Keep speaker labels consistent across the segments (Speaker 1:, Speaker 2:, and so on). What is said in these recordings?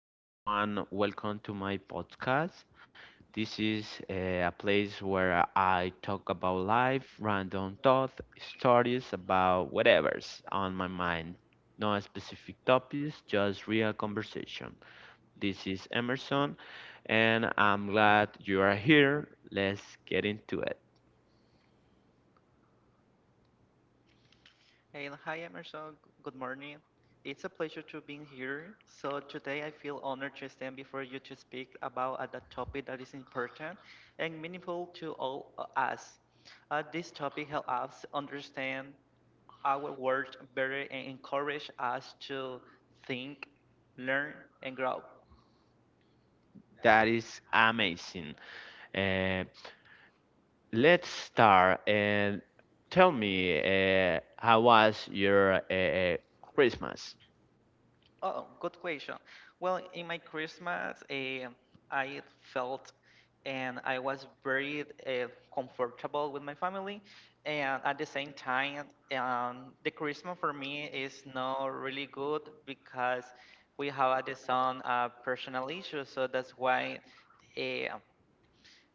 Speaker 1: Hi everyone, welcome to my podcast. This is a place where I talk about life, random thoughts, stories about whatever's on my mind. No specific topics, just real conversation. This is Emerson, and I'm glad you are here. Let's get into it.
Speaker 2: Hey, and hi Emerson. Good morning. It's a pleasure to be here. So today I feel honored to stand before you to speak about a the topic that is important and meaningful to all of us. This topic helps us understand our world better and encourage us to think, learn, and grow.
Speaker 1: That is amazing. Uh, Let's start and tell me how was your Christmas?
Speaker 2: Oh, good question. Well, in my Christmas, I felt and I was very comfortable with my family. And at the same time, the Christmas for me is not really good because we have at the some personal issues. So that's why uh,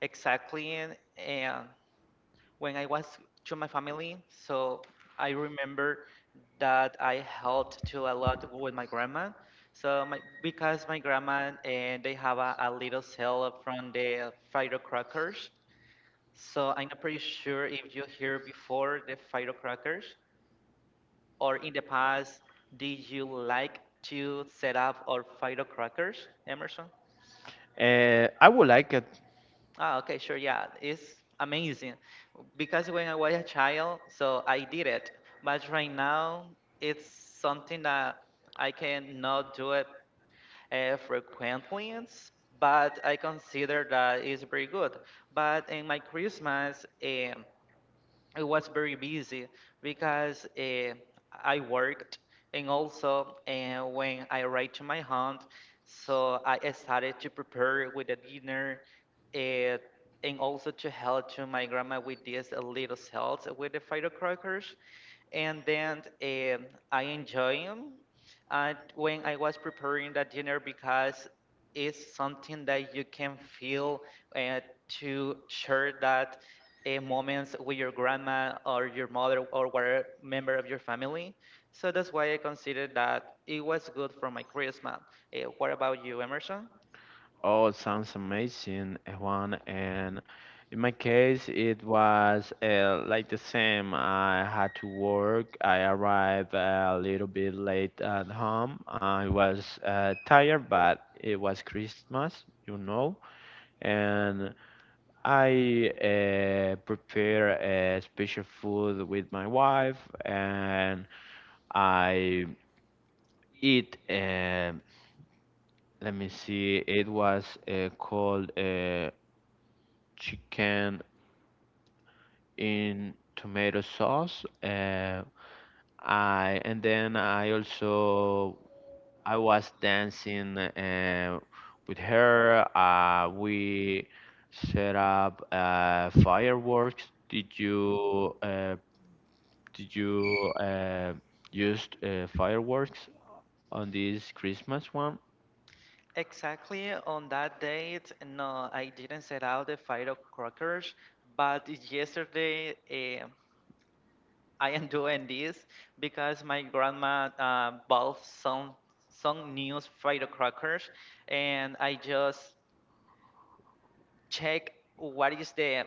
Speaker 2: exactly. And when I was to my family. So I remember that I helped to a lot with my grandma. So my because my grandma and they have a little sale from the firecrackers. So I'm not pretty sure if you hear before the firecrackers or in the past did you like to set up or firecrackers, Emerson?
Speaker 1: I would like it.
Speaker 2: Ah, okay, sure, yeah, it's amazing because when I was a child, so I did it, but right now it's something that I cannot do it frequently, but I consider that it's pretty good. But in my Christmas, it was very busy because I worked and also when I arrived to my home, so I started to prepare with the dinner uh, and also to help to my grandma with these little cells with the firecrackers and then um, I enjoy them when I was preparing that dinner because it's something that you can feel uh, to share that moments with your grandma or your mother or whatever member of your family. So that's why I considered that it was good for my Christmas. What about you, Emerson?
Speaker 1: Oh, it sounds amazing, Juan. And in my case, it was like the same. I had to work. I arrived a little bit late at home. I was tired, but it was Christmas. And I prepare a special food with my wife, and I eat. Let me see. It was called chicken in tomato sauce. I and then I also I was dancing with her. We set up fireworks. Did you use fireworks on this Christmas one?
Speaker 2: Exactly on that date, no, I didn't set out the fight of crackers, but yesterday. I am doing this because my grandma bought some new Friday crackers, and I just check what is the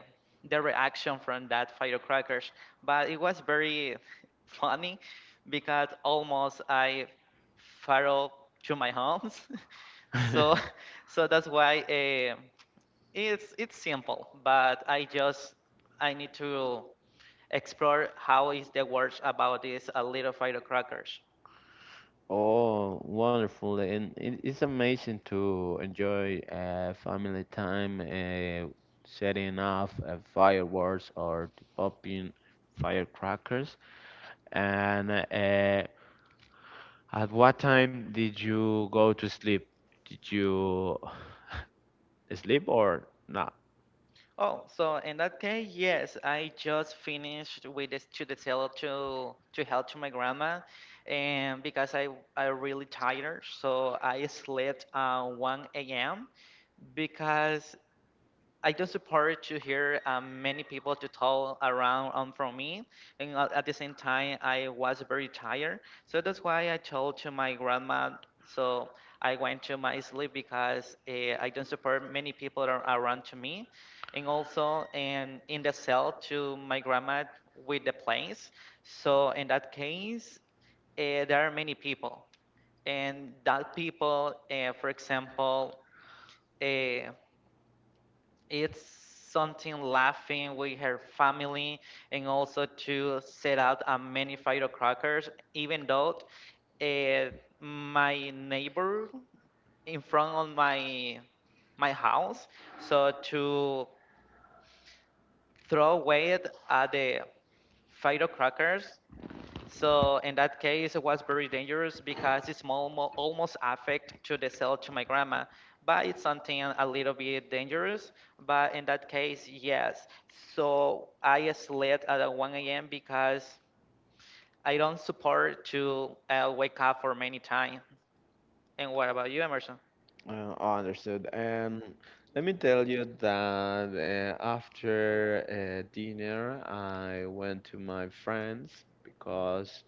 Speaker 2: the reaction from that Friday crackers. But it was very funny because almost I fell to my homes. so so that's why it's simple. But I just I need to explore how is the words about this little firecrackers.
Speaker 1: Oh, wonderful! And it's amazing to enjoy family time, setting off fireworks or to popping firecrackers. And at what time did you go to sleep? Did you sleep or not?
Speaker 2: Oh, so in that case, yes, I just finished with this to the sale to help to my grandma, and because I really tired, so I slept 1 a.m. because I do support to hear many people to talk around from me, and at the same time I was very tired, so that's why I told to my grandma. So I went to my sleep because I don't support many people around to me, and also and in the cell to my grandma with the place. So in that case, there are many people, and that people, for example. Uh, it's something laughing with her family and also to set out a many firecrackers even though uh, my neighbor in front of my house so to throw away it at the firecrackers so in that case, it was very dangerous because it's almost affect to the cell to my grandma, but it's something a little bit dangerous. But in that case, yes. So I slept at 1 a.m. because I don't support to wake up for many time. And what about you, Emerson?
Speaker 1: Oh, understood. And let me tell you that after dinner, I went to my friends because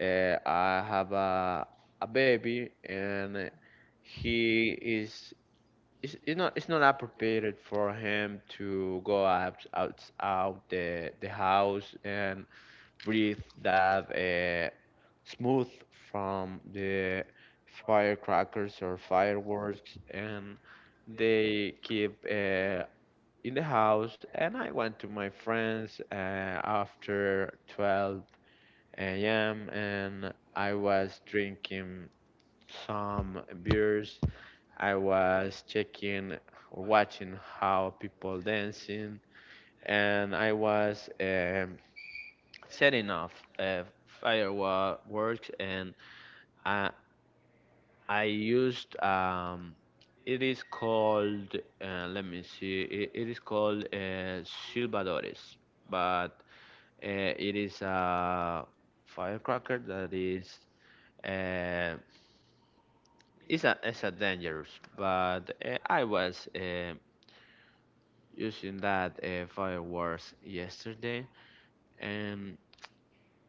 Speaker 1: I have a baby, and he is it's not appropriate for him to go out the house and breathe that smooth from the firecrackers or fireworks and they keep in the house, and I went to my friends after 12 a.m, and I was drinking some beers. I was checking or watching how people dancing, and I was setting off uh, fireworks, and I, I used it is called let me see, it is called Silvadores, but it is a firecracker that is uh, it's a dangerous, but I was using that fireworks yesterday and.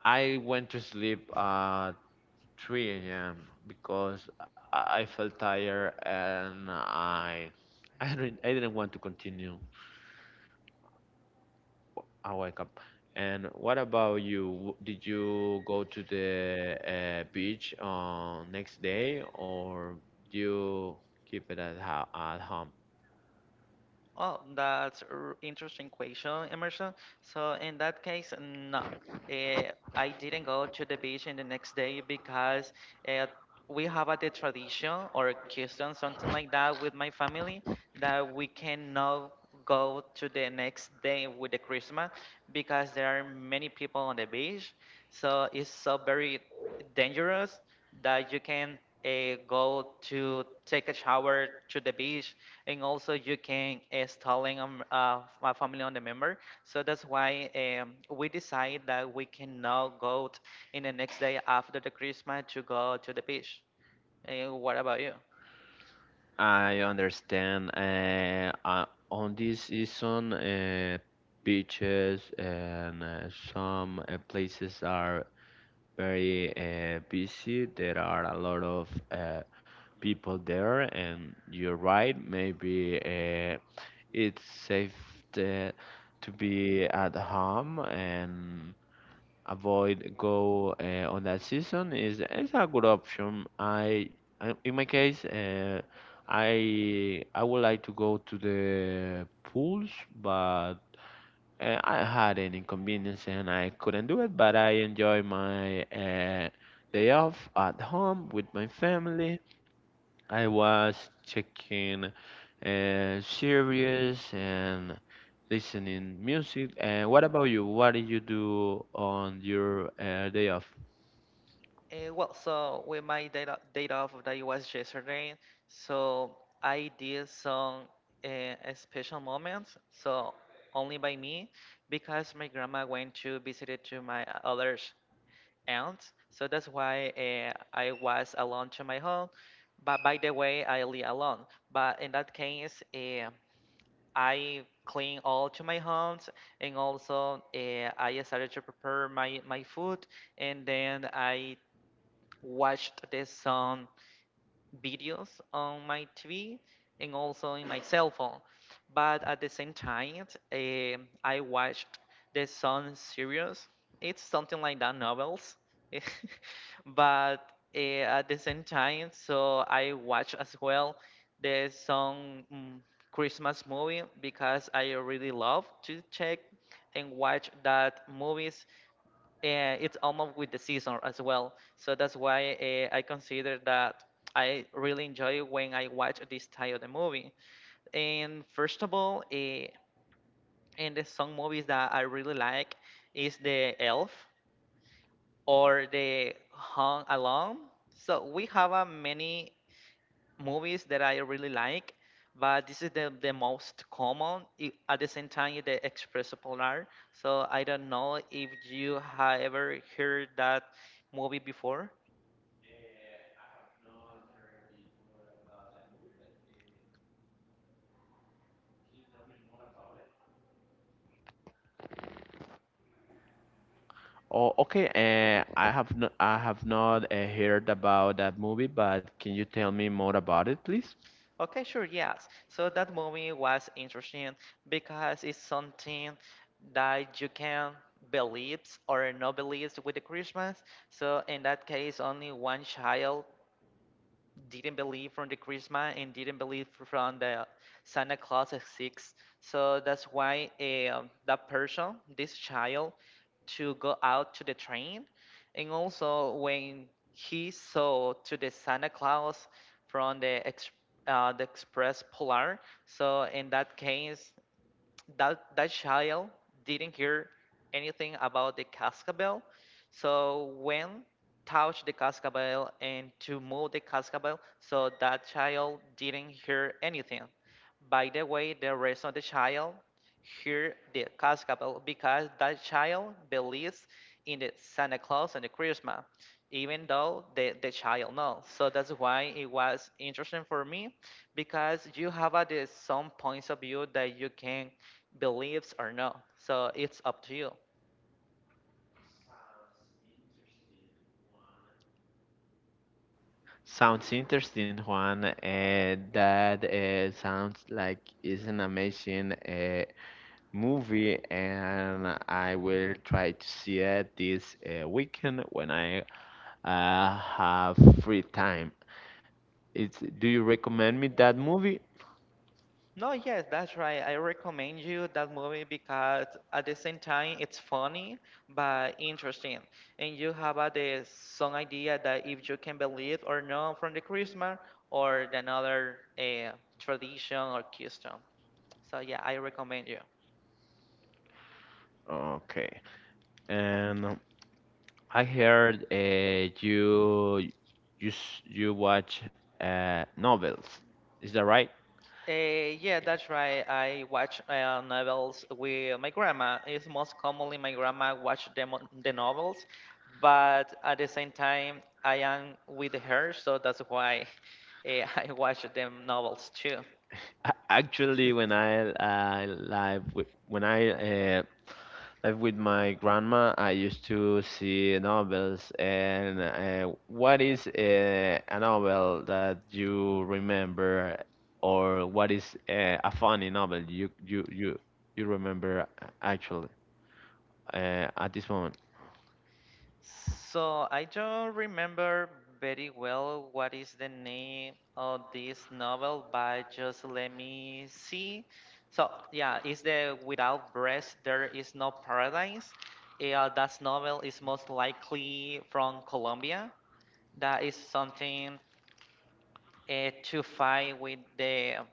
Speaker 1: I went to sleep at 3 a.m. because I felt tired and I didn't want to continue. I wake up. And what about you? Did you go to the beach on next day or you keep it at ho at home?
Speaker 2: Oh, that's a interesting question, Emerson. So in that case, no, I didn't go to the beach in the next day because uh, we have a the tradition or a custom, something like that, with my family that we cannot go to the next day with the Christmas because there are many people on the beach. So it's so very dangerous that you can go to take a shower to the beach and also you can installing my family on the member. So that's why we decide that we cannot in the next day after the Christmas to go to the beach. And what about you?
Speaker 1: I understand. On this season, beaches and some places are very busy. There are a lot of people there, and you're right. Maybe it's safe to, to be at home and avoid go on that season. Is a good option. I In my case, I would like to go to the pools, but I had an inconvenience and I couldn't do it, but I enjoy my day off at home with my family. I was checking series and listening music. And what about you? What did you do on your day off?
Speaker 2: Well, so with my day off that it was yesterday, so I did some special moments. So only by me because my grandma went to visit it to my others aunt. So that's why I was alone to my home. But by the way, I live alone. But in that case, I clean all to my homes, and also I started to prepare my food, and then I watched the sun videos on my TV and also in my cell phone. But at the same time, I watched the Sun series. It's something like that novels, but at the same time, so I watch as well the Sun Christmas movie because I really love to check and watch that movies it's almost with the season as well. So that's why I consider that I really enjoy when I watch this type of the movie. And first of all, and the some movies that I really like is the Elf or the Hung Alone. So we have a many movies that I really like, but this is the most common. At the same time, the Expresso Polar. So I don't know if you have ever heard that movie before.
Speaker 1: Oh, okay. I have not heard about that movie, but can you tell me more about it, please?
Speaker 2: Okay, sure, yes. So that movie was interesting because it's something that you can believe or not believe with the Christmas. So in that case, only one child didn't believe from the Christmas and didn't believe from the Santa Claus at six. So that's why that person, this child, to go out to the train, and also when he saw to the Santa Claus from the Express Polar. So in that case, that child didn't hear anything about the cascabel. So when touch the cascabel and to move the cascabel, so that child didn't hear anything. By the way, the rest of the child hear the cascabel because that child believes in the Santa Claus and the Christmas, even though the child knows. So that's why it was interesting for me because you have at some points of view that you can believes or no. So it's up to you.
Speaker 1: Sounds interesting, Juan. That sounds like it's an amazing movie, and I will try to see it this weekend when I have free time. It's, do you recommend me that movie?
Speaker 2: No, yes, that's right. I recommend you that movie because at the same time it's funny but interesting, and you have the some idea that if you can believe or not from the Christmas or the another tradition or custom. So yeah, I recommend you.
Speaker 1: Okay. And I heard you you watch novels. Is that right?
Speaker 2: Uh, yeah, that's right. I watch novels with my grandma. It's most commonly my grandma watch the novels, but at the same time, I am with her, so that's why I watch them novels too.
Speaker 1: Actually, when I live with when I uh, live with my grandma, I used to see novels. And what is a novel that you remember, or what is a funny novel you remember actually at this moment?
Speaker 2: So I don't remember very well what is the name of this novel, but just let me see. So yeah, it's the Without Breath, There Is No Paradise. Yeah, that novel is most likely from Colombia. That is something to fight with the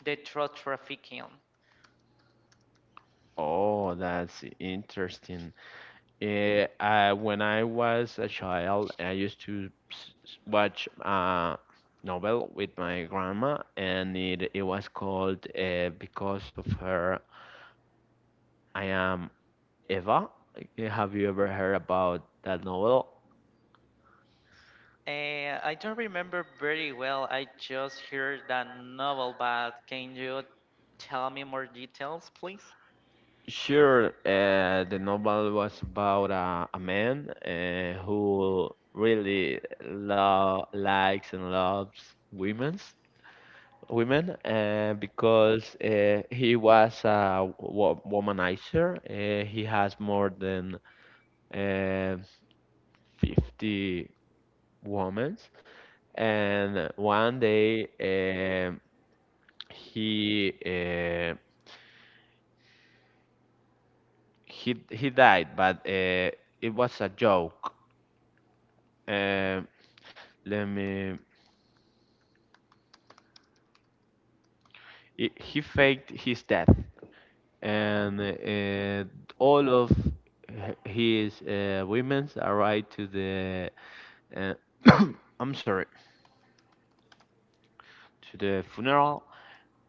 Speaker 2: the drug trafficking.
Speaker 1: Oh, that's interesting. When I was a child, I used to s- s- watch a novel with my grandma, and it was called Because of Her, I Am Eva. Eh, have you ever heard about that novel?
Speaker 2: I don't remember very well. I just heard that novel, but can you tell me more details, please?
Speaker 1: Sure, the novel was about a man who really lo likes and loves women, women because he was a womanizer. He has more than uh, 50 women. And one day um he, uh, he died, but it was a joke. Um let me. He faked his death, and all of his women's arrived to the uh, I'm sorry, to the funeral,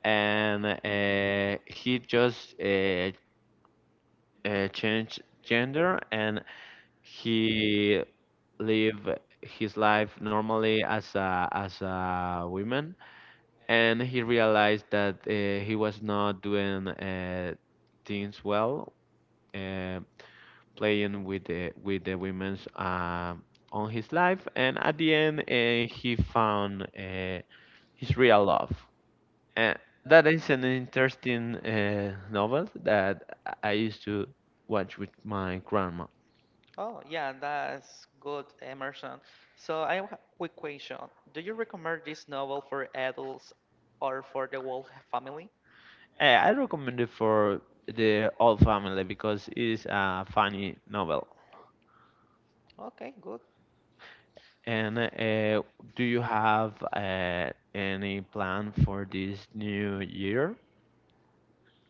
Speaker 1: and he just changed gender and he live his life normally as a woman, and he realized that he was not doing things well. Uh, Playing with the women's on his life, and at the end he found his real love. And that is an interesting novel that I used to watch with my grandma.
Speaker 2: Oh, yeah, that's good, Emerson. So I have a quick question. Do you recommend this novel for adults or for the whole family?
Speaker 1: Eh, I recommend it for the whole family because it's a funny novel.
Speaker 2: Okay, good.
Speaker 1: And do you have any plan for this new year?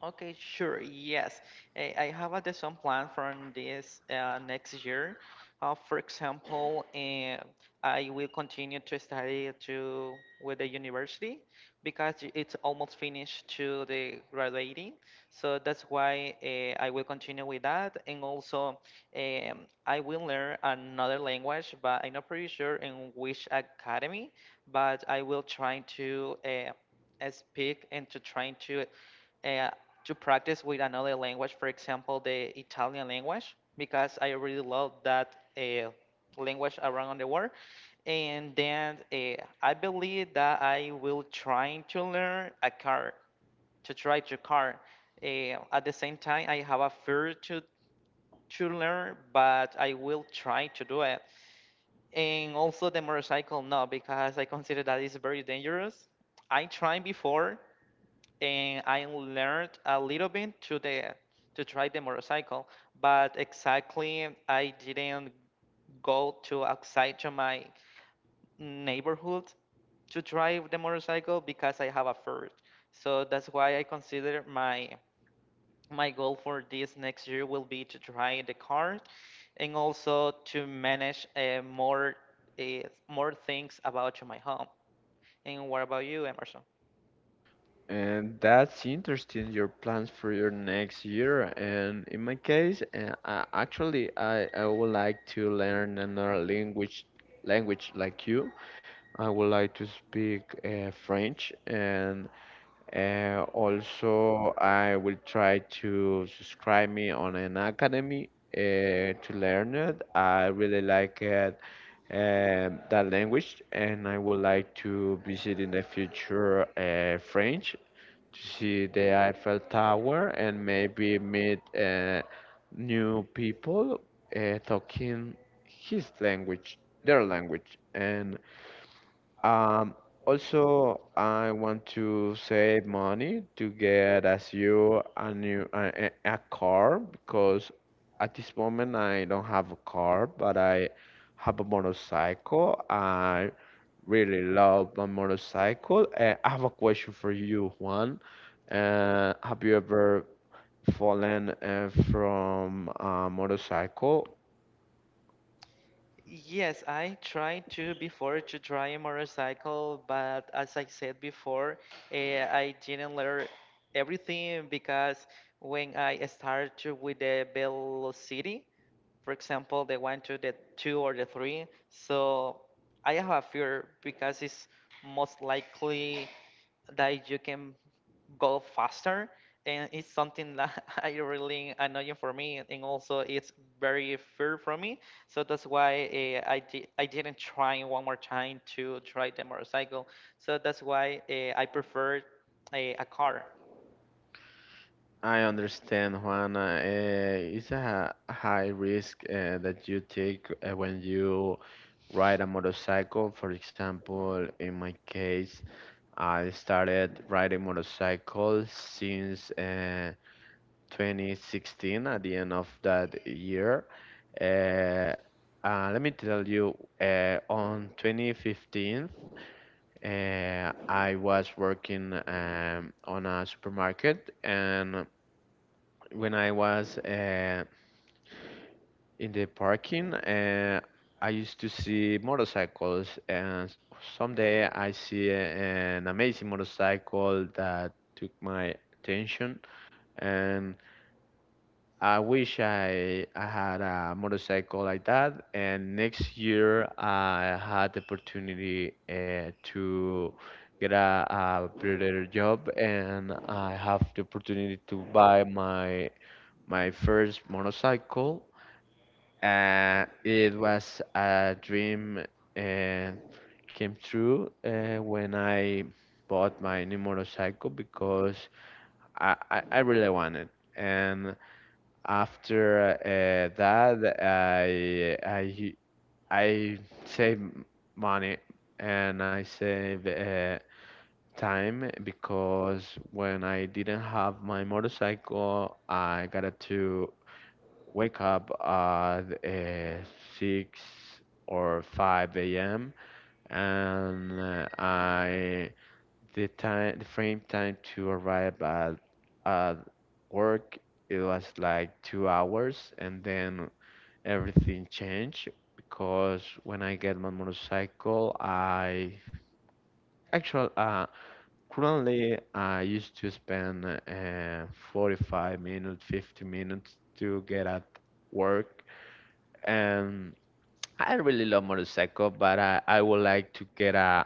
Speaker 2: Okay, sure. Yes. I have a some plan from this next year. For example, I will continue to study to with the university because it's almost finished to the graduating. So that's why I will continue with that. And also, um, I will learn another language, but I'm not pretty sure in which academy, but I will try to speak and to trying uh, to practice with another language, for example, the Italian language, because I really love that language around the world. And then I believe that I will try to learn a car, to try to car. At the same time, I have a fear to learn, but I will try to do it. And also the motorcycle, no, because I consider that it's very dangerous. I tried before, and I learned a little bit to the to try the motorcycle, but exactly I didn't go to outside to my neighborhood to drive the motorcycle because I have a Ford. So that's why I consider my goal for this next year will be to try the car and also to manage uh, more more things about my home. And what about you, Emerson?
Speaker 1: And that's interesting, your plans for your next year. And in my case, actually, I would like to learn another language, language like you. I would like to speak French, and also I will try to subscribe me on an academy to learn it. I really like it that language, and I would like to visit in the future French, see the Eiffel Tower and maybe meet new people uh, talking his language, their language, and um, also, I want to save money to get as you a new a car because at this moment I don't have a car, but I have a motorcycle. I really love my motorcycle. I have a question for you, Juan. Have you ever fallen from a motorcycle?
Speaker 2: Yes, I tried to before to try a motorcycle, but as I said before, I didn't learn everything because when I started with the velocity, for example, the one to the two or the three, so I have a fear because it's most likely that you can go faster, and it's something that I really annoying for me, and also it's very fair for me. So that's why I didn't try one more time to try the motorcycle. So that's why I prefer a car.
Speaker 1: I understand, Juana. It's a high risk that you take when you ride a motorcycle. For example, in my case, I started riding motorcycle since 2016, at the end of that year. Uh, Let me tell you, on 2015, I was working on a supermarket, and when I was in the parking, I used to see motorcycles, and someday I see an amazing motorcycle that took my attention, and I wish I had a motorcycle like that. And next year I had the opportunity to get a better job, and I have the opportunity to buy my first motorcycle. It was a dream uh, came true when I bought my new motorcycle because I really wanted. And after that, I save money and I save time because when I didn't have my motorcycle, I got to wake up at 6 or 5 a.m. and I the time the frame time to arrive at work, it was like 2 hours, and then everything changed because when I get my motorcycle, I actually currently I used to spend 45 minutes, 50 minutes to get at work. And I really love motorcycle, but I would like to get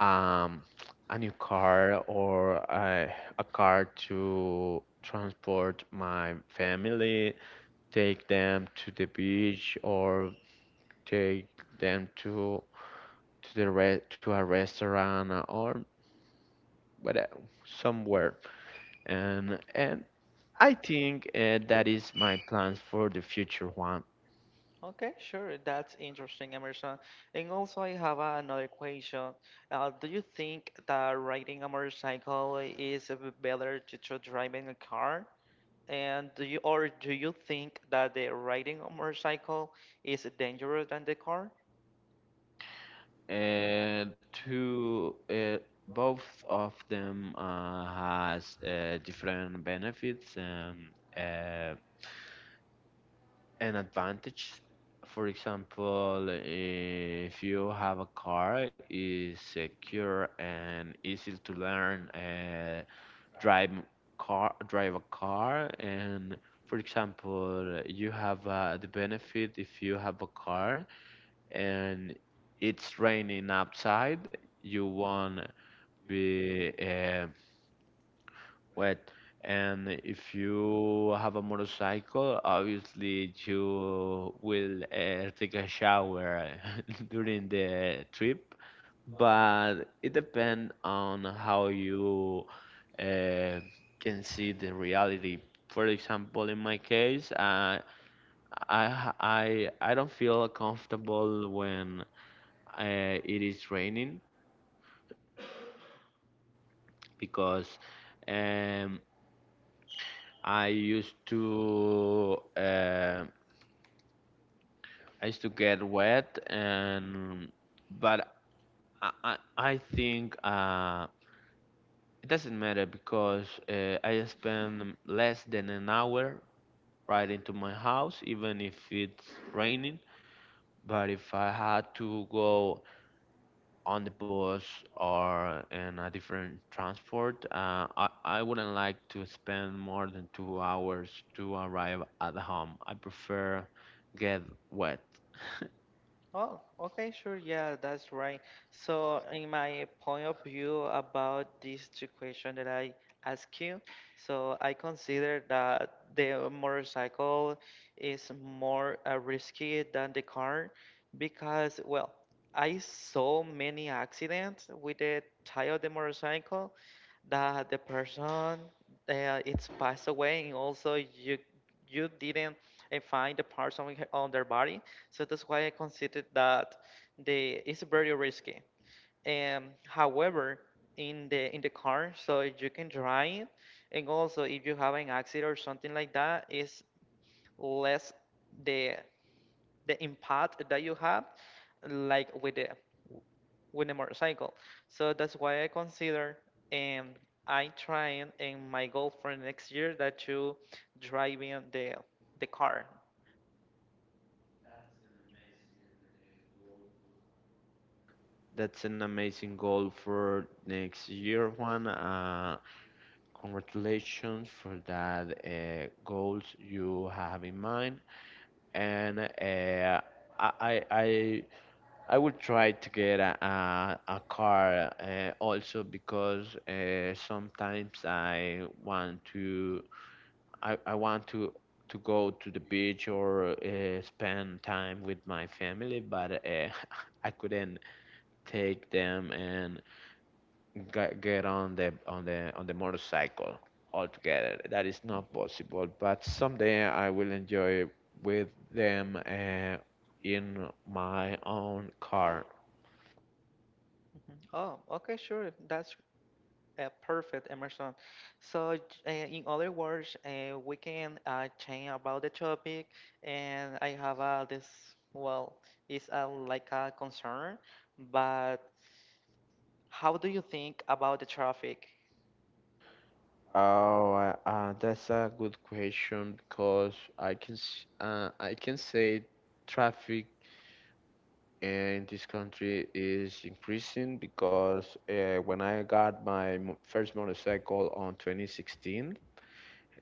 Speaker 1: um a new car or a car to transport my family, take them to the beach, or take them to to a restaurant or whatever somewhere. And I think that is my plans for the future one.
Speaker 2: Okay, sure, that's interesting, Emerson. And also I have another question. Do you think that riding a motorcycle is better to driving a car? And do you, or do you think that the riding a motorcycle is dangerous than the car?
Speaker 1: And two, both of them has different benefits and uh, an advantage. For example, if you have a car is secure and easy to learn drive drive a car. And for example, you have the benefit if you have a car and it's raining outside, you won't be wet. And if you have a motorcycle, obviously you will take a shower during the trip, but it depends on how you uh, can see the reality. For example, in my case, I don't feel comfortable when uh, it is raining because um, I used to uh, I used to get wet. And but I I, I think it doesn't matter because I spend less than an hour right into my house even if it's raining. But if I had to go on the bus or in a different transport. I wouldn't like to spend more than 2 hours to arrive at home. I prefer get wet.
Speaker 2: Oh, okay, sure. Yeah, that's right. So, in my point of view about these two questions that I ask you, so I consider that the motorcycle is more risky than the car because, well, I saw many accidents with the tire of the motorcycle that the person, it's passed away, and also you didn't find the parts on, on their body. So that's why I considered that the it's very risky. However, in the car, so you can drive, and also if you have an accident or something like that, is less the the impact that you have, like with the motorcycle. So that's why I consider, and I try, and my goal for next year that you driving the car.
Speaker 1: That's an amazing goal for next year, Juan. Congratulations for that goals you have in mind, and I, I I I will try to get a car also because sometimes I want to go to the beach or spend time with my family, but I couldn't take them and get on the on the motorcycle altogether. That is not possible. But someday I will enjoy with them in my own car.
Speaker 2: Mhm. Oh, okay, sure. That's perfect, Emerson. So, in other words, we can change about the topic, and I have this. Well, it's like a concern, but how do you think about the traffic?
Speaker 1: Oh, that's a good question because I can I can say traffic in this country is increasing because when I got my first motorcycle on 2016.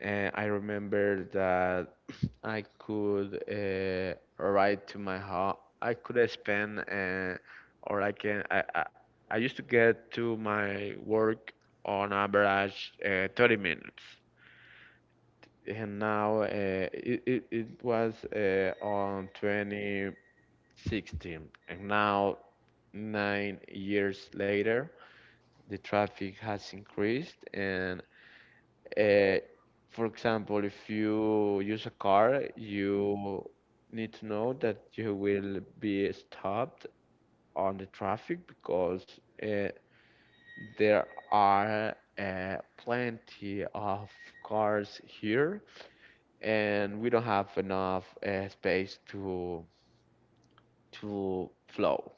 Speaker 1: I remember that I could write to my home. I could spend, or I can. I used to get to my work on average 30 minutes, and now it, it it was on 2016, and now 9 years later, the traffic has increased. And Uh, for example, if you use a car, you need to know that you will be stopped on the traffic because there are plenty of cars here, and we don't have enough space to flow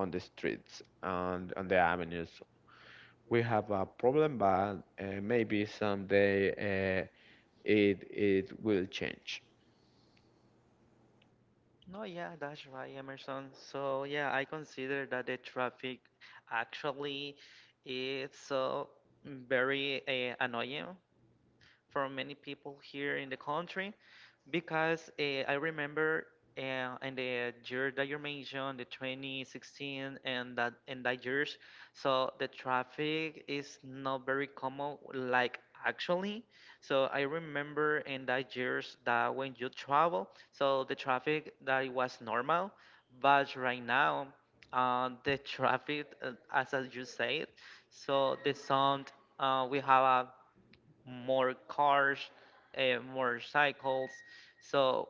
Speaker 1: on the streets and on the avenues. We have a problem, but maybe someday it will change.
Speaker 2: No, yeah, that's right, Emerson. So, yeah, I consider that the traffic actually is so very annoying for many people here in the country. Because I remember in the year that you mentioned, the 2016, and that in that years, so the traffic is not very common like actually. So I remember in that years that when you travel, so the traffic that it was normal, but right now, the traffic, as you said, so the sound, we have a more cars, more cycles, so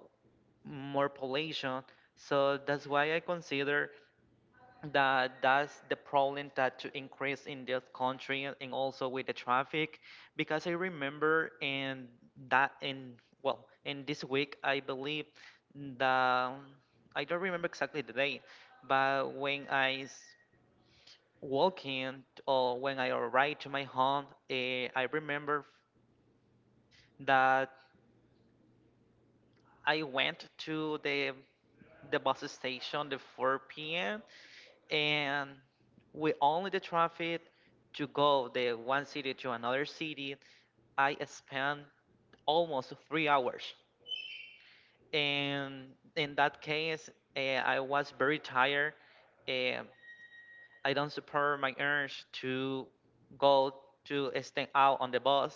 Speaker 2: more pollution. So that's why I consider that that's the problem that to increase in this country, and also with the traffic, because I remember in that in well in this week I believe that I don't remember exactly the day, but when walk in, or when I arrived to my home, I remember that I went to the bus station the 4 p.m. and with only the traffic to go the one city to another city, I spent almost 3 hours. And in that case, I was very tired. And I don't support my urge to go to stand out on the bus,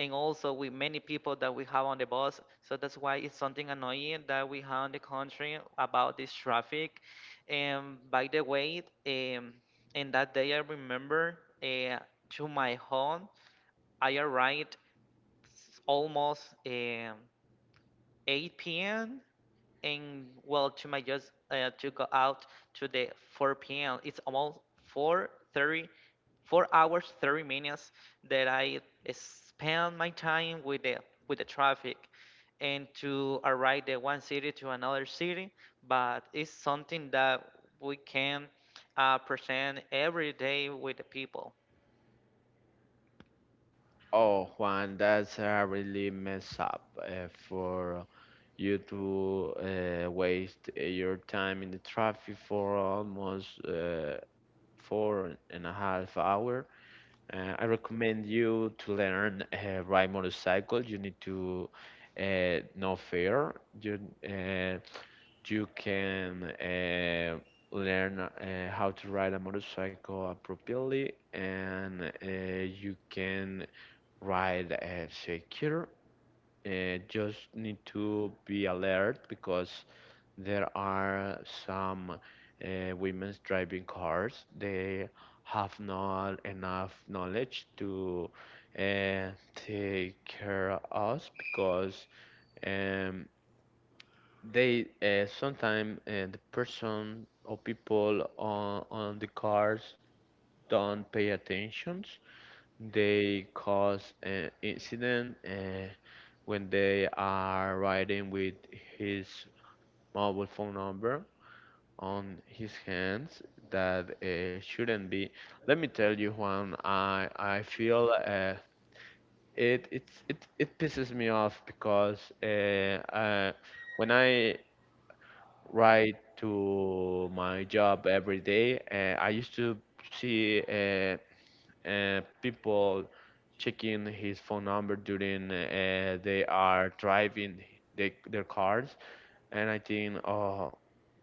Speaker 2: and also with many people that we have on the bus. So that's why it's something annoying that we have in the country about this traffic. And by the way, in that day I remember to my home, I arrived almost 8 p.m, and well, to my just to go out to the 4 p.m. It's almost 4:30, 4 hours 30 minutes that I spend my time with the traffic, and to arrive the one city to another city. But it's something that we can present every day with the people.
Speaker 1: Oh, Juan, that's a really mess up for you to waste your time in the traffic for almost four and a half hour. I recommend you to learn ride motorcycle. You need to know fear. You uh, you can learn how to ride a motorcycle appropriately, and you can ride secure. Just need to be alert because there are some women's driving cars. They have not enough knowledge to uh, take care of us because um, the person or people on the cars don't pay attention. They cause an incident when they are riding with his mobile phone number on his hands that shouldn't be. Let me tell you, Juan, I feel it it's it it pisses me off because uh, when I ride to my job every day, I used to see people checking his phone number during they are driving. Their cars, and I think, oh,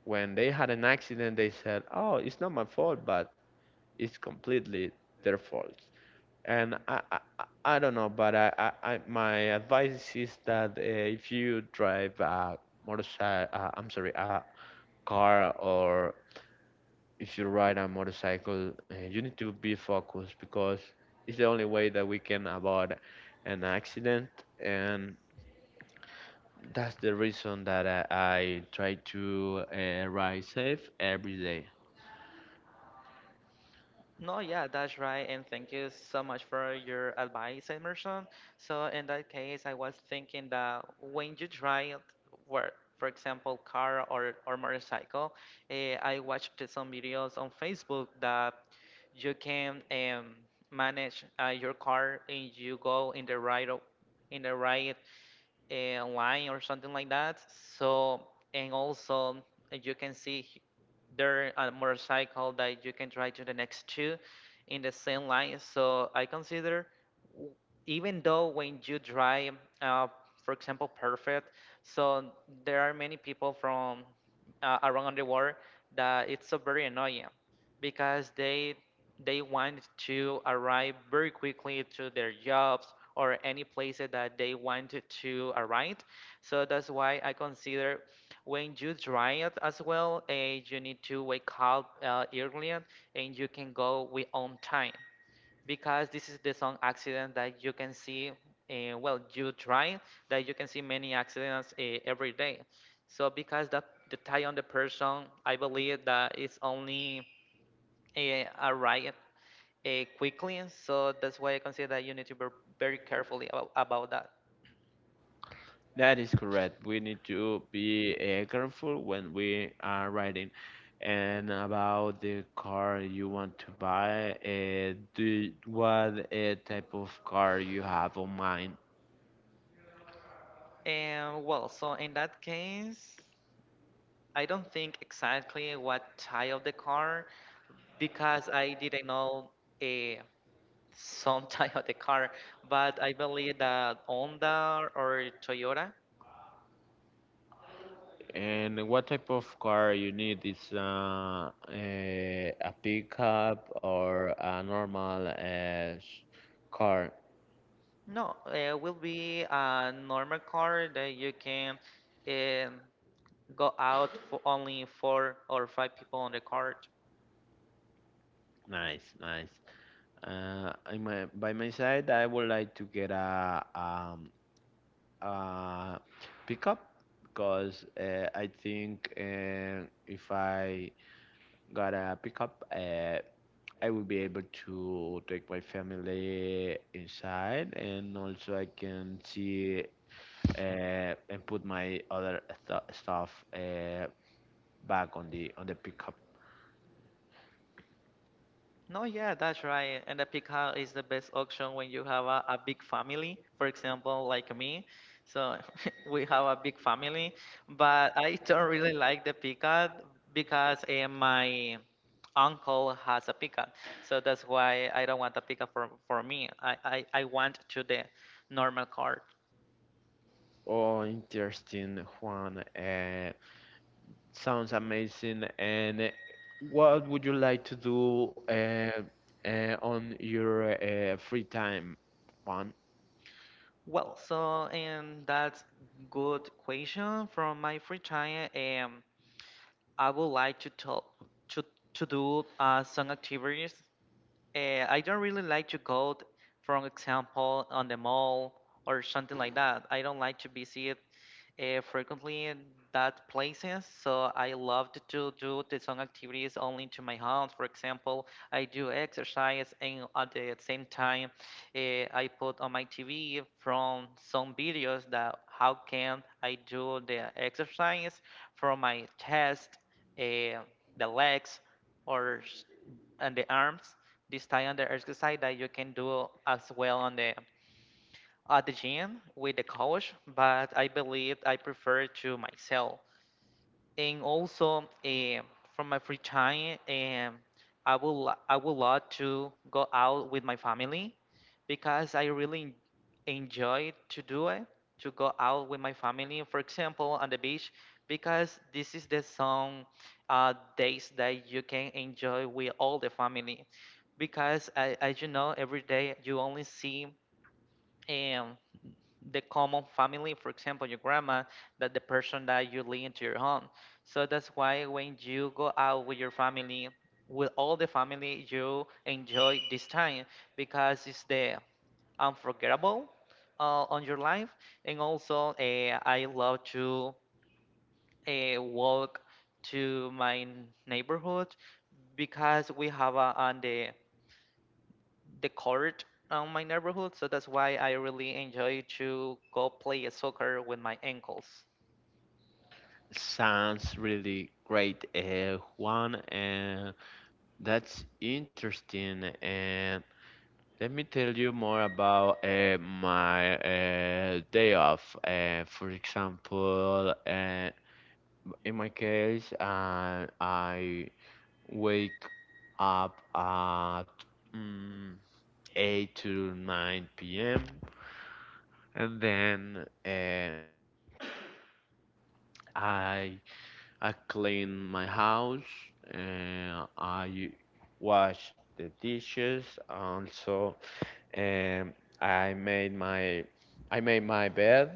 Speaker 1: when they had an accident, they said, "Oh, it's not my fault, but it's completely their fault." And I don't know, but I my advice is that if you drive a motorcycle, I'm sorry, a car, or if you ride a motorcycle, you need to be focused because it's the only way that we can avoid an accident. And that's the reason that I try to ride safe every day.
Speaker 2: No, yeah, that's right. And thank you so much for your advice, Emerson. So in that case, I was thinking that when you drive, where, for example, car or motorcycle, I watched some videos on Facebook that you can manage your car, and you go in the right in the right line or something like that. So and also you can see there a motorcycle that you can try to the next two in the same line. So I consider, w- even though when you drive, uh, for example, perfect. So there are many people from around the world that it's so very annoying because they want to arrive very quickly to their jobs, or any place that they want to arrive. So that's why I consider, when you drive as well, you need to wake up earlier, and you can go with on time because this is the some accident that you can see. Well, you drive that you can see many accidents every day. So because that, the tie on the person, I believe that it's only a riot uh, quickly. So that's why I consider that you need to be very carefully about that.
Speaker 1: That is correct. We need to be careful when we are riding. And about the car you want to buy, do what type of car you have on mind,
Speaker 2: And well, so in that case, I don't think exactly what type of the car because I didn't know a some type of the car, but I believe that Honda or Toyota,
Speaker 1: and what type of car you need? Is a pickup or a normal s- car?
Speaker 2: no, it will be a normal car that you can um, go out for only four or five people on the car.
Speaker 1: Nice, nice. By my side, I would like to get a, uh, pickup because I think if I got a pickup, I will be able to take my family inside, and also I can see and put my other stuff back on the pickup.
Speaker 2: No, yeah, that's right. And the pick house is the best option when you have a big family, for example, like me. So we have a big family, but I don't really like the pickup because my uncle has a pickup. So that's why I don't want a pickup for me. I want to the normal car.
Speaker 1: Oh, interesting, Juan. Sounds amazing. And what would you like to do on your free time, Juan?
Speaker 2: Well, so and that's good question from my free time. I would like to talk to to do some activities. I don't really like to go, for example, on the mall or something like that. I don't like to visit frequently in that places. So I loved to do the some activities only to my house. For example, I do exercise, and at the same time, uh, I put on my TV from some videos that how can I do the exercise from my chest, uh, the legs, or and the arms. This type of exercise that you can do as well on the at the gym with the coach, but I believe I prefer to myself. And also, from my free time, I will I would love to go out with my family because I really enjoy to do it to go out with my family. For example, on the beach because this is the some days that you can enjoy with all the family. Because I, as you know, every day you only see. Um, the common family, for example, your grandma, that the person that you lead into your home. So that's why when you go out with your family, with all the family, you enjoy this time because it's the unforgettable on your life. And also, I love to walk to my neighborhood because we have a, on the court on my neighborhood, so that's why I really enjoy to go play soccer with my ankles.
Speaker 1: Sounds really great, Juan. And that's interesting. And let me tell you more about my day off. For example, in my case, I wake up at mm, 8 to 9 p.m. And then I I clean my house and I wash the dishes. Also, um, I made my I made my bed,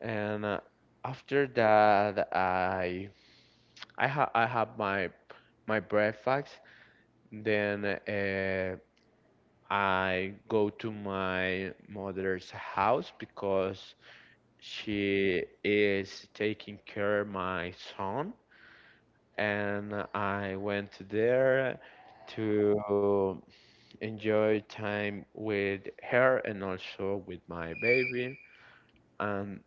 Speaker 1: and after that I have my breakfast. Then I go to my mother's house because she is taking care of my son, and I went there to enjoy time with her and also with my baby. And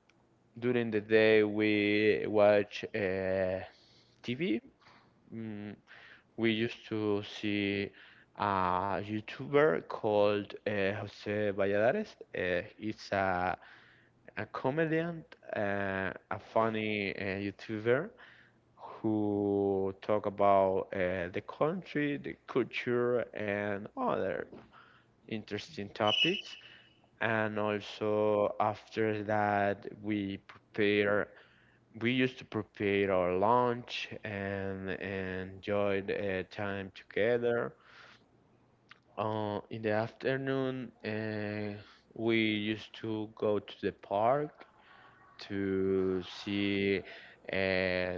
Speaker 1: during the day, we watch TV. Mm, we used to see a YouTuber called Jose Valladares. He's a comedian, a funny YouTuber who talk about the country, the culture, and other interesting topics. And also after that, we prepare. We used to prepare our lunch and enjoyed time together. In the afternoon, we used to go to the park to see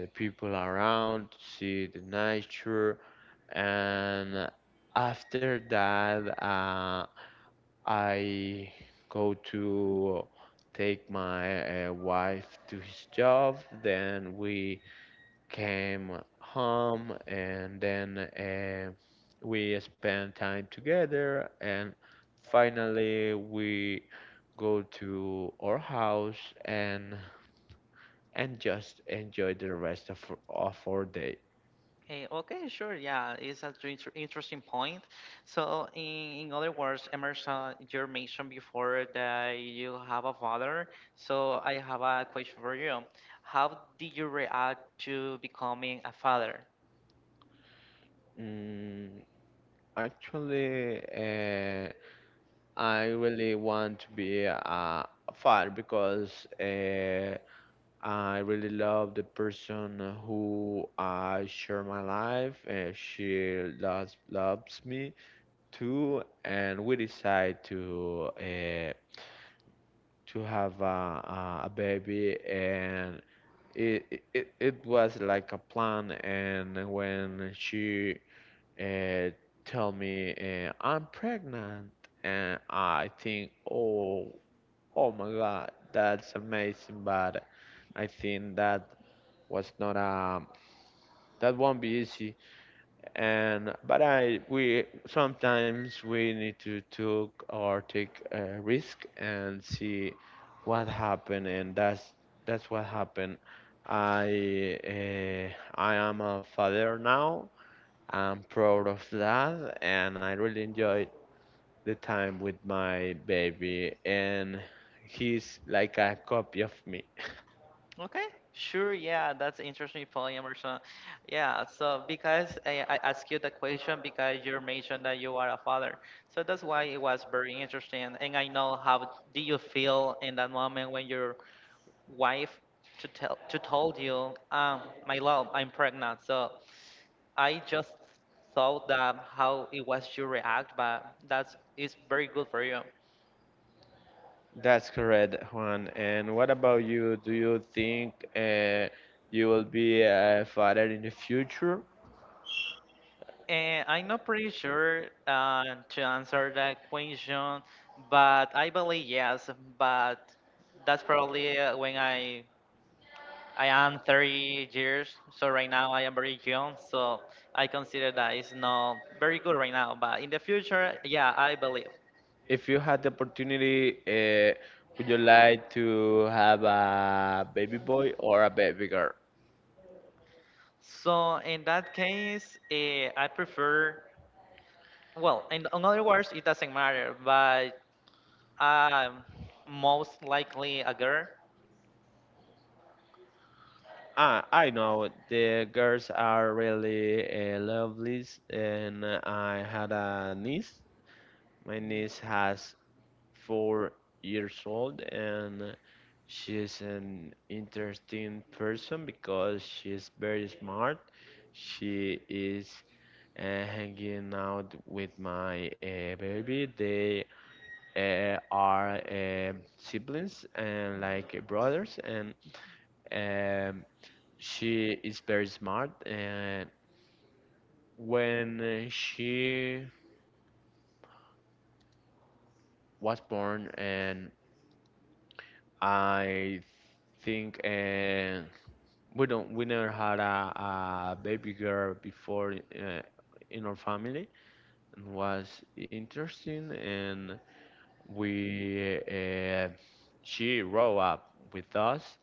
Speaker 1: the people around, to see the nature, and after that, I go to take my wife to his job. Then we came home, and then we spent time together, and finally we go to our house and and just enjoy the rest of our day.
Speaker 2: Eh, okay, sure, yeah, it's an interesting point. So, in other words, Emerson, you mentioned before that you have a father. So, I have a question for you. How did you react to becoming a father?
Speaker 1: Mm, Actually, I really want to be a father because I really love the person who I share my life. She loves me too, and we decide to have a baby, and it was like a plan. And when she uh, tell me I'm pregnant, and I think, oh, oh my god, that's amazing. But I think that was not that won't be easy. And but I we sometimes we need to took or take a risk and see what happened, and that's what happened. I uh, I am a father now. I'm proud of that, and I really enjoyed the time with my baby, and he's like a copy of me.
Speaker 2: Okay, sure. Yeah, that's interesting, Paul Emerson. Yeah, so because I asked you the question because you mentioned that you are a father, so that's why it was very interesting. And I know how do you feel in that moment when your wife to tell to told you, my love, I'm pregnant. So I just thought that how it was your react, but that's it's very good for you.
Speaker 1: That's correct, Juan. And what about you? Do you think you will be a father in the future?
Speaker 2: And I'm not pretty sure to answer that question, but I believe yes. But that's probably when I am 30 years. So right now I am very young. So I consider that it's not very good right now. But in the future, yeah, I believe.
Speaker 1: If you had the opportunity, would you like to have a baby boy or a baby girl?
Speaker 2: So in that case, I prefer. Well, in other words, it doesn't matter. But I'm most likely a girl.
Speaker 1: Ah, I know the girls are really lovely, and I had a niece. My niece has 4 years old, and she's an interesting person because she's very smart. She is hanging out with my baby. They are siblings and like brothers, and um, she is very smart. And when she was born, and I think we don't. We never had a baby girl before in our family, and was interesting. And we, uh, she grew up with us,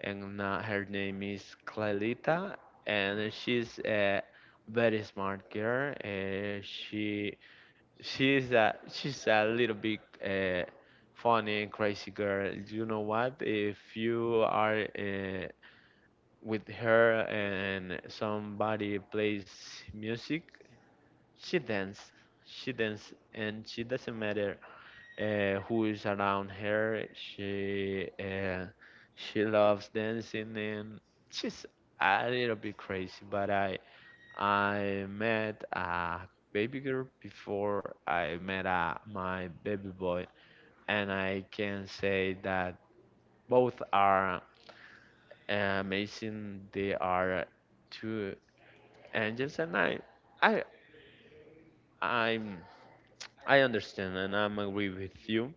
Speaker 1: and her name is Clalita, and she's a very smart girl. She's a little bit funny and crazy girl. You know what, if you are with her and somebody plays music, she dance. She dance, and she doesn't matter who is around her. She loves dancing, and she's a little bit crazy. But I met a baby girl before I met my baby boy, and I can say that both are amazing. They are two angels, and I, I'm, I understand, and I'm agree with you.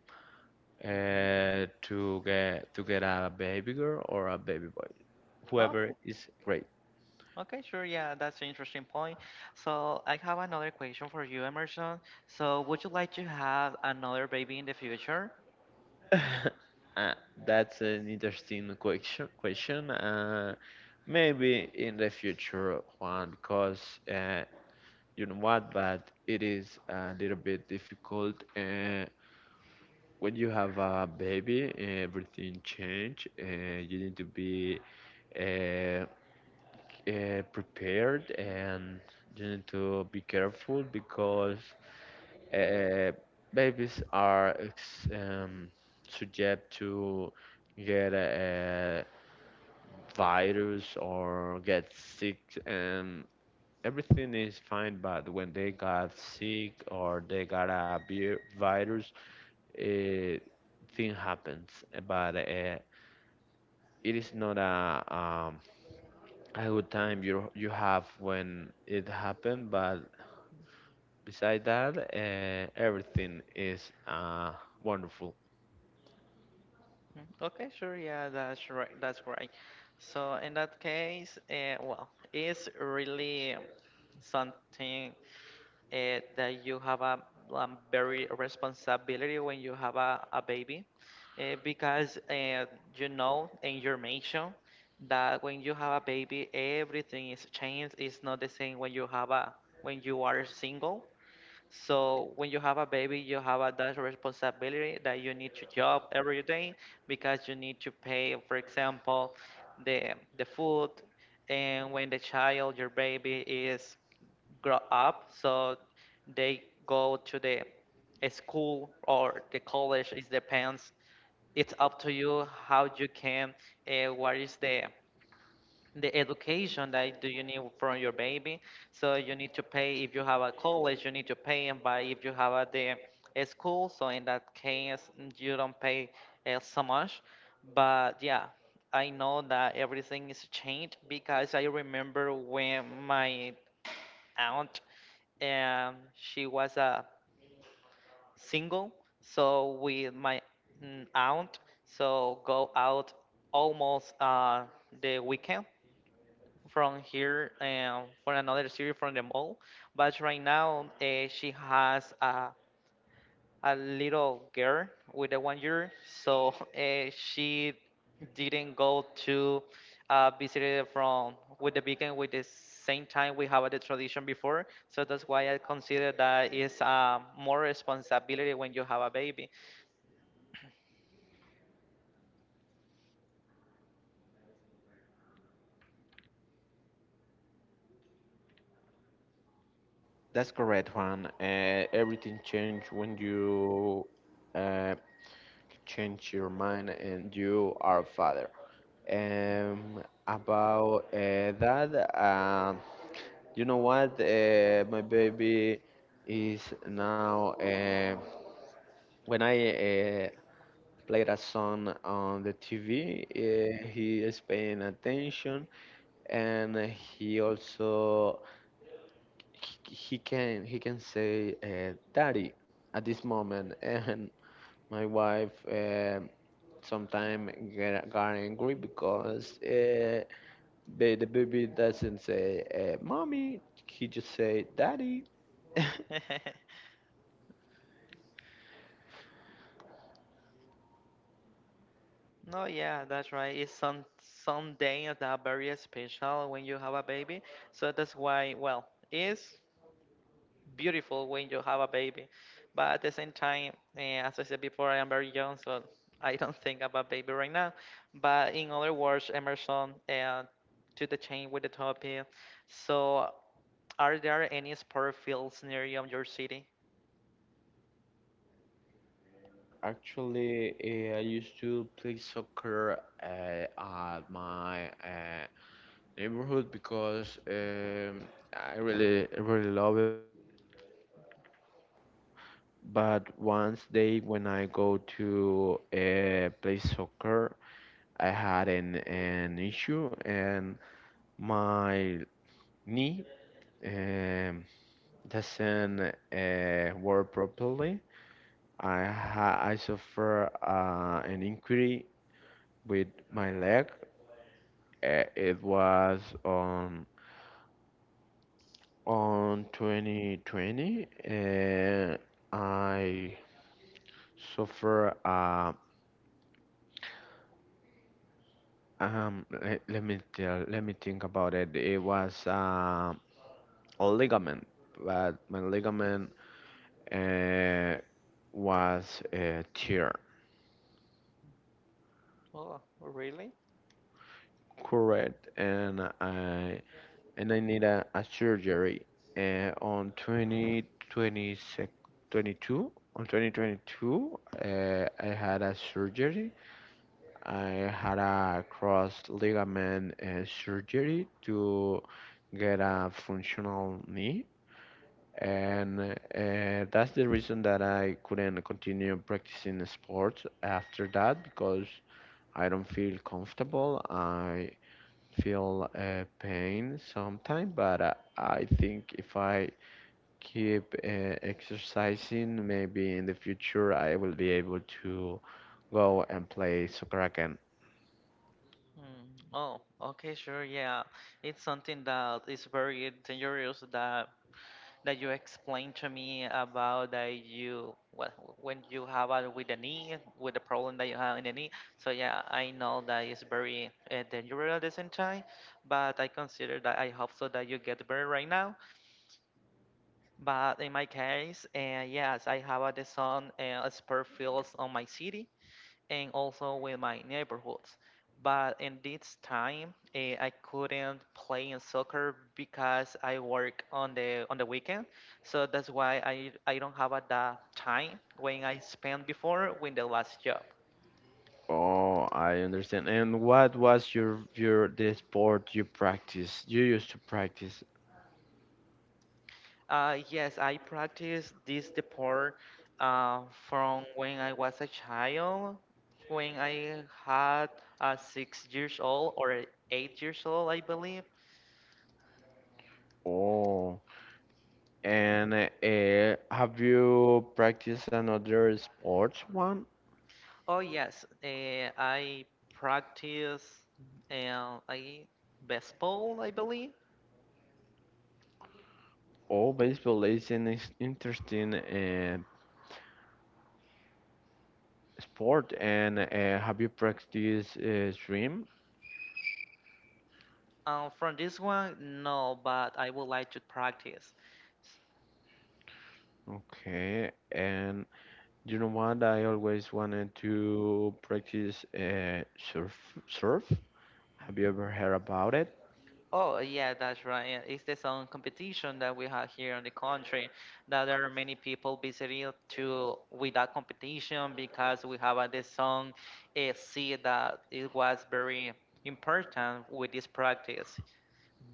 Speaker 1: To get a baby girl or a baby boy, whoever
Speaker 2: Okay.
Speaker 1: is great.
Speaker 2: Okay, sure. Yeah, that's an interesting point. So I have another question for you, Emerson. So would you like to have another baby in the future?
Speaker 1: uh, that's an interesting question. Question. Maybe in the future, Juan, because you know what, but it is a little bit difficult. When you have a baby, everything change. You need to be uh, prepared, and you need to be careful because uh, babies are subject to get a virus or get sick, and everything is fine. But when they got sick or they got a virus, uh, thing happens. But it is not a good time you you have when it happened. But beside that, everything is wonderful.
Speaker 2: Mm, okay, sure. Yeah, that's right. That's right. So in that case, well, it's really something that you have a very responsibility when you have a baby because you know, and you mentioned that when you have a baby everything is changed, it's not the same when you have a when you are single. So when you have a baby, you have a that responsibility that you need to job every day because you need to pay, for example, the food. And when the child, your baby, is grow up, so they go to the a school or the college. It depends. It's up to you how you can. What is the education that do you need from your baby? So you need to pay if you have a college, you need to pay, and by if you have a, the a school, so in that case, you don't pay so much, but yeah, I know that everything is changed because I remember when my aunt, and she was a single, so with my aunt, so go out almost the weekend from here and for another series from the mall. But right now, she has a little girl with a 1 year, so she didn't go to visit from with the weekend with the same time we have the tradition before. So that's why I consider that is more responsibility when you have a baby.
Speaker 1: That's correct, Juan. Everything changed when you uh, change your mind and you are a father. Um, about that, you know what? My baby is now. When I played a song on the TV, eh, he is paying attention, and he also he can say "daddy" at this moment. And my wife sometimes get got angry because the baby doesn't say "mommy." He just say "daddy."
Speaker 2: No, yeah, that's right. It's some day that very special when you have a baby. So that's why, well, it's beautiful when you have a baby. But at the same time, as I said before, I am very young, so I don't think about baby right now. But in other words, Emerson, to the chain with the topic. So, are there any sport fields near you in your city?
Speaker 1: Actually, I used to play soccer at my neighborhood because I really really love it. But once day when I go to play soccer, I had an issue, and my knee um, doesn't work properly. I suffer an injury with my leg. It was on on 2020. I So for let, let me tell, let me think about it. It was a ligament, but my ligament uh, was tear,
Speaker 2: Oh, really?
Speaker 1: correct, and I need a surgery on 2022. On 2022, I had a cross ligament surgery to get a functional knee, and that's the reason that I couldn't continue practicing sports after that because I don't feel comfortable. I feel pain sometimes, but I think if I keep exercising, maybe in the future I will be able to go and play soccer again.
Speaker 2: Mm. Oh, okay, sure. Yeah, it's something that is very dangerous that you explained to me about that when you have a with the knee, with the problem that you have in the knee. So yeah, I know that it's very dangerous at the same time, but I consider that I hope so that you get better right now. But in my case, yes, I have a the sun spare fields on my city and also with my neighborhoods. But in this time, I couldn't play in soccer because I work on the weekend. So that's why I don't have at that time when I spent before with the last job.
Speaker 1: Oh, I understand. And what was your the sport you practice? You used to practice.
Speaker 2: Yes, I practiced this sport uh, from when I was a child, when I had 6 years old or 8 years old, I believe.
Speaker 1: Oh, and have you practiced another sports one?
Speaker 2: Oh yes, I practice I baseball, I believe.
Speaker 1: Oh, baseball is an interesting sport. And have you practiced swim?
Speaker 2: From this one, no, but I would like to practice. S-
Speaker 1: Okay. And you know what? I always wanted to practice surf. Surf. Have you ever heard about it?
Speaker 2: Oh yeah, that's right. It's the song competition that we have here in the country. That there are many people visiting to with that competition because we have this song. See that it was very important with this practice.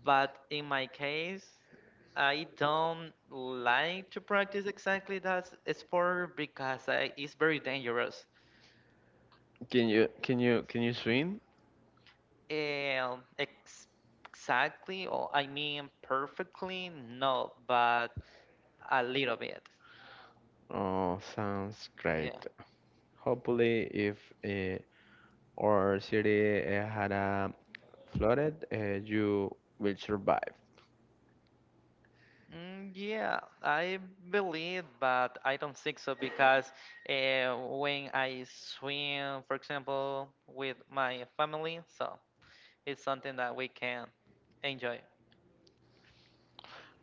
Speaker 2: But in my case, I don't like to practice exactly that sport because I, it's very dangerous.
Speaker 1: Can you swim?
Speaker 2: Ex Exactly, or I mean perfectly, no, but a little bit.
Speaker 1: Oh, sounds
Speaker 2: Yeah.
Speaker 1: great. Hopefully, if uh, our city had a flooded, you will survive.
Speaker 2: Mm, yeah, I believe, but I don't think so because when I swim, for example, with my family, so it's something that we can enjoy.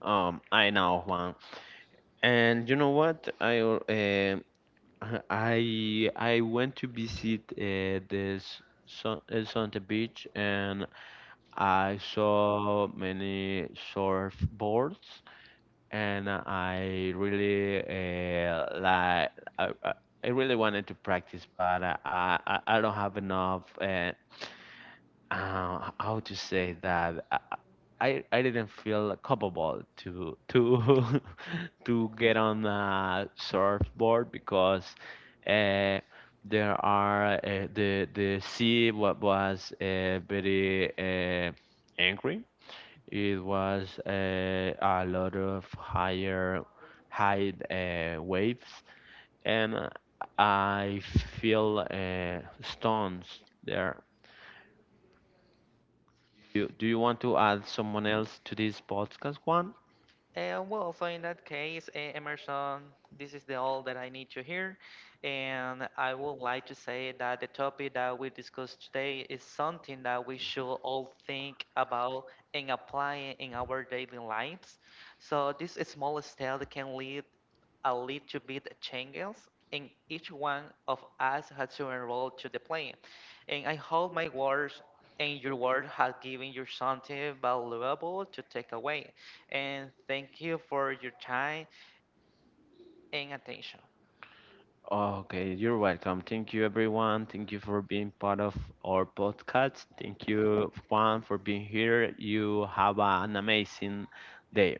Speaker 1: I know, Juan. And you know what? I went to visit this Sun Santa Beach, and I saw many surfboards, and I really like I, I I really wanted to practice, but I don't have enough I would just say that I didn't feel capable to to get on a surfboard because uh, there are the sea what was very angry. It was a lot of higher high waves, and I feel stones there. You, do you want to add someone else to this podcast, Juan?
Speaker 2: Well, so in that case, Emerson, this is the all that I need to hear, and I would like to say that the topic that we discussed today is something that we should all think about and apply in our daily lives. So these small steps can lead a little bit changes, and each one of us has to enroll to the plane. And I hope my words and your word has given you something valuable to take away. And thank you for your time and attention.
Speaker 1: Okay, you're welcome. Thank you, everyone. Thank you for being part of our podcast. Thank you, Juan, for being here. You have an amazing day.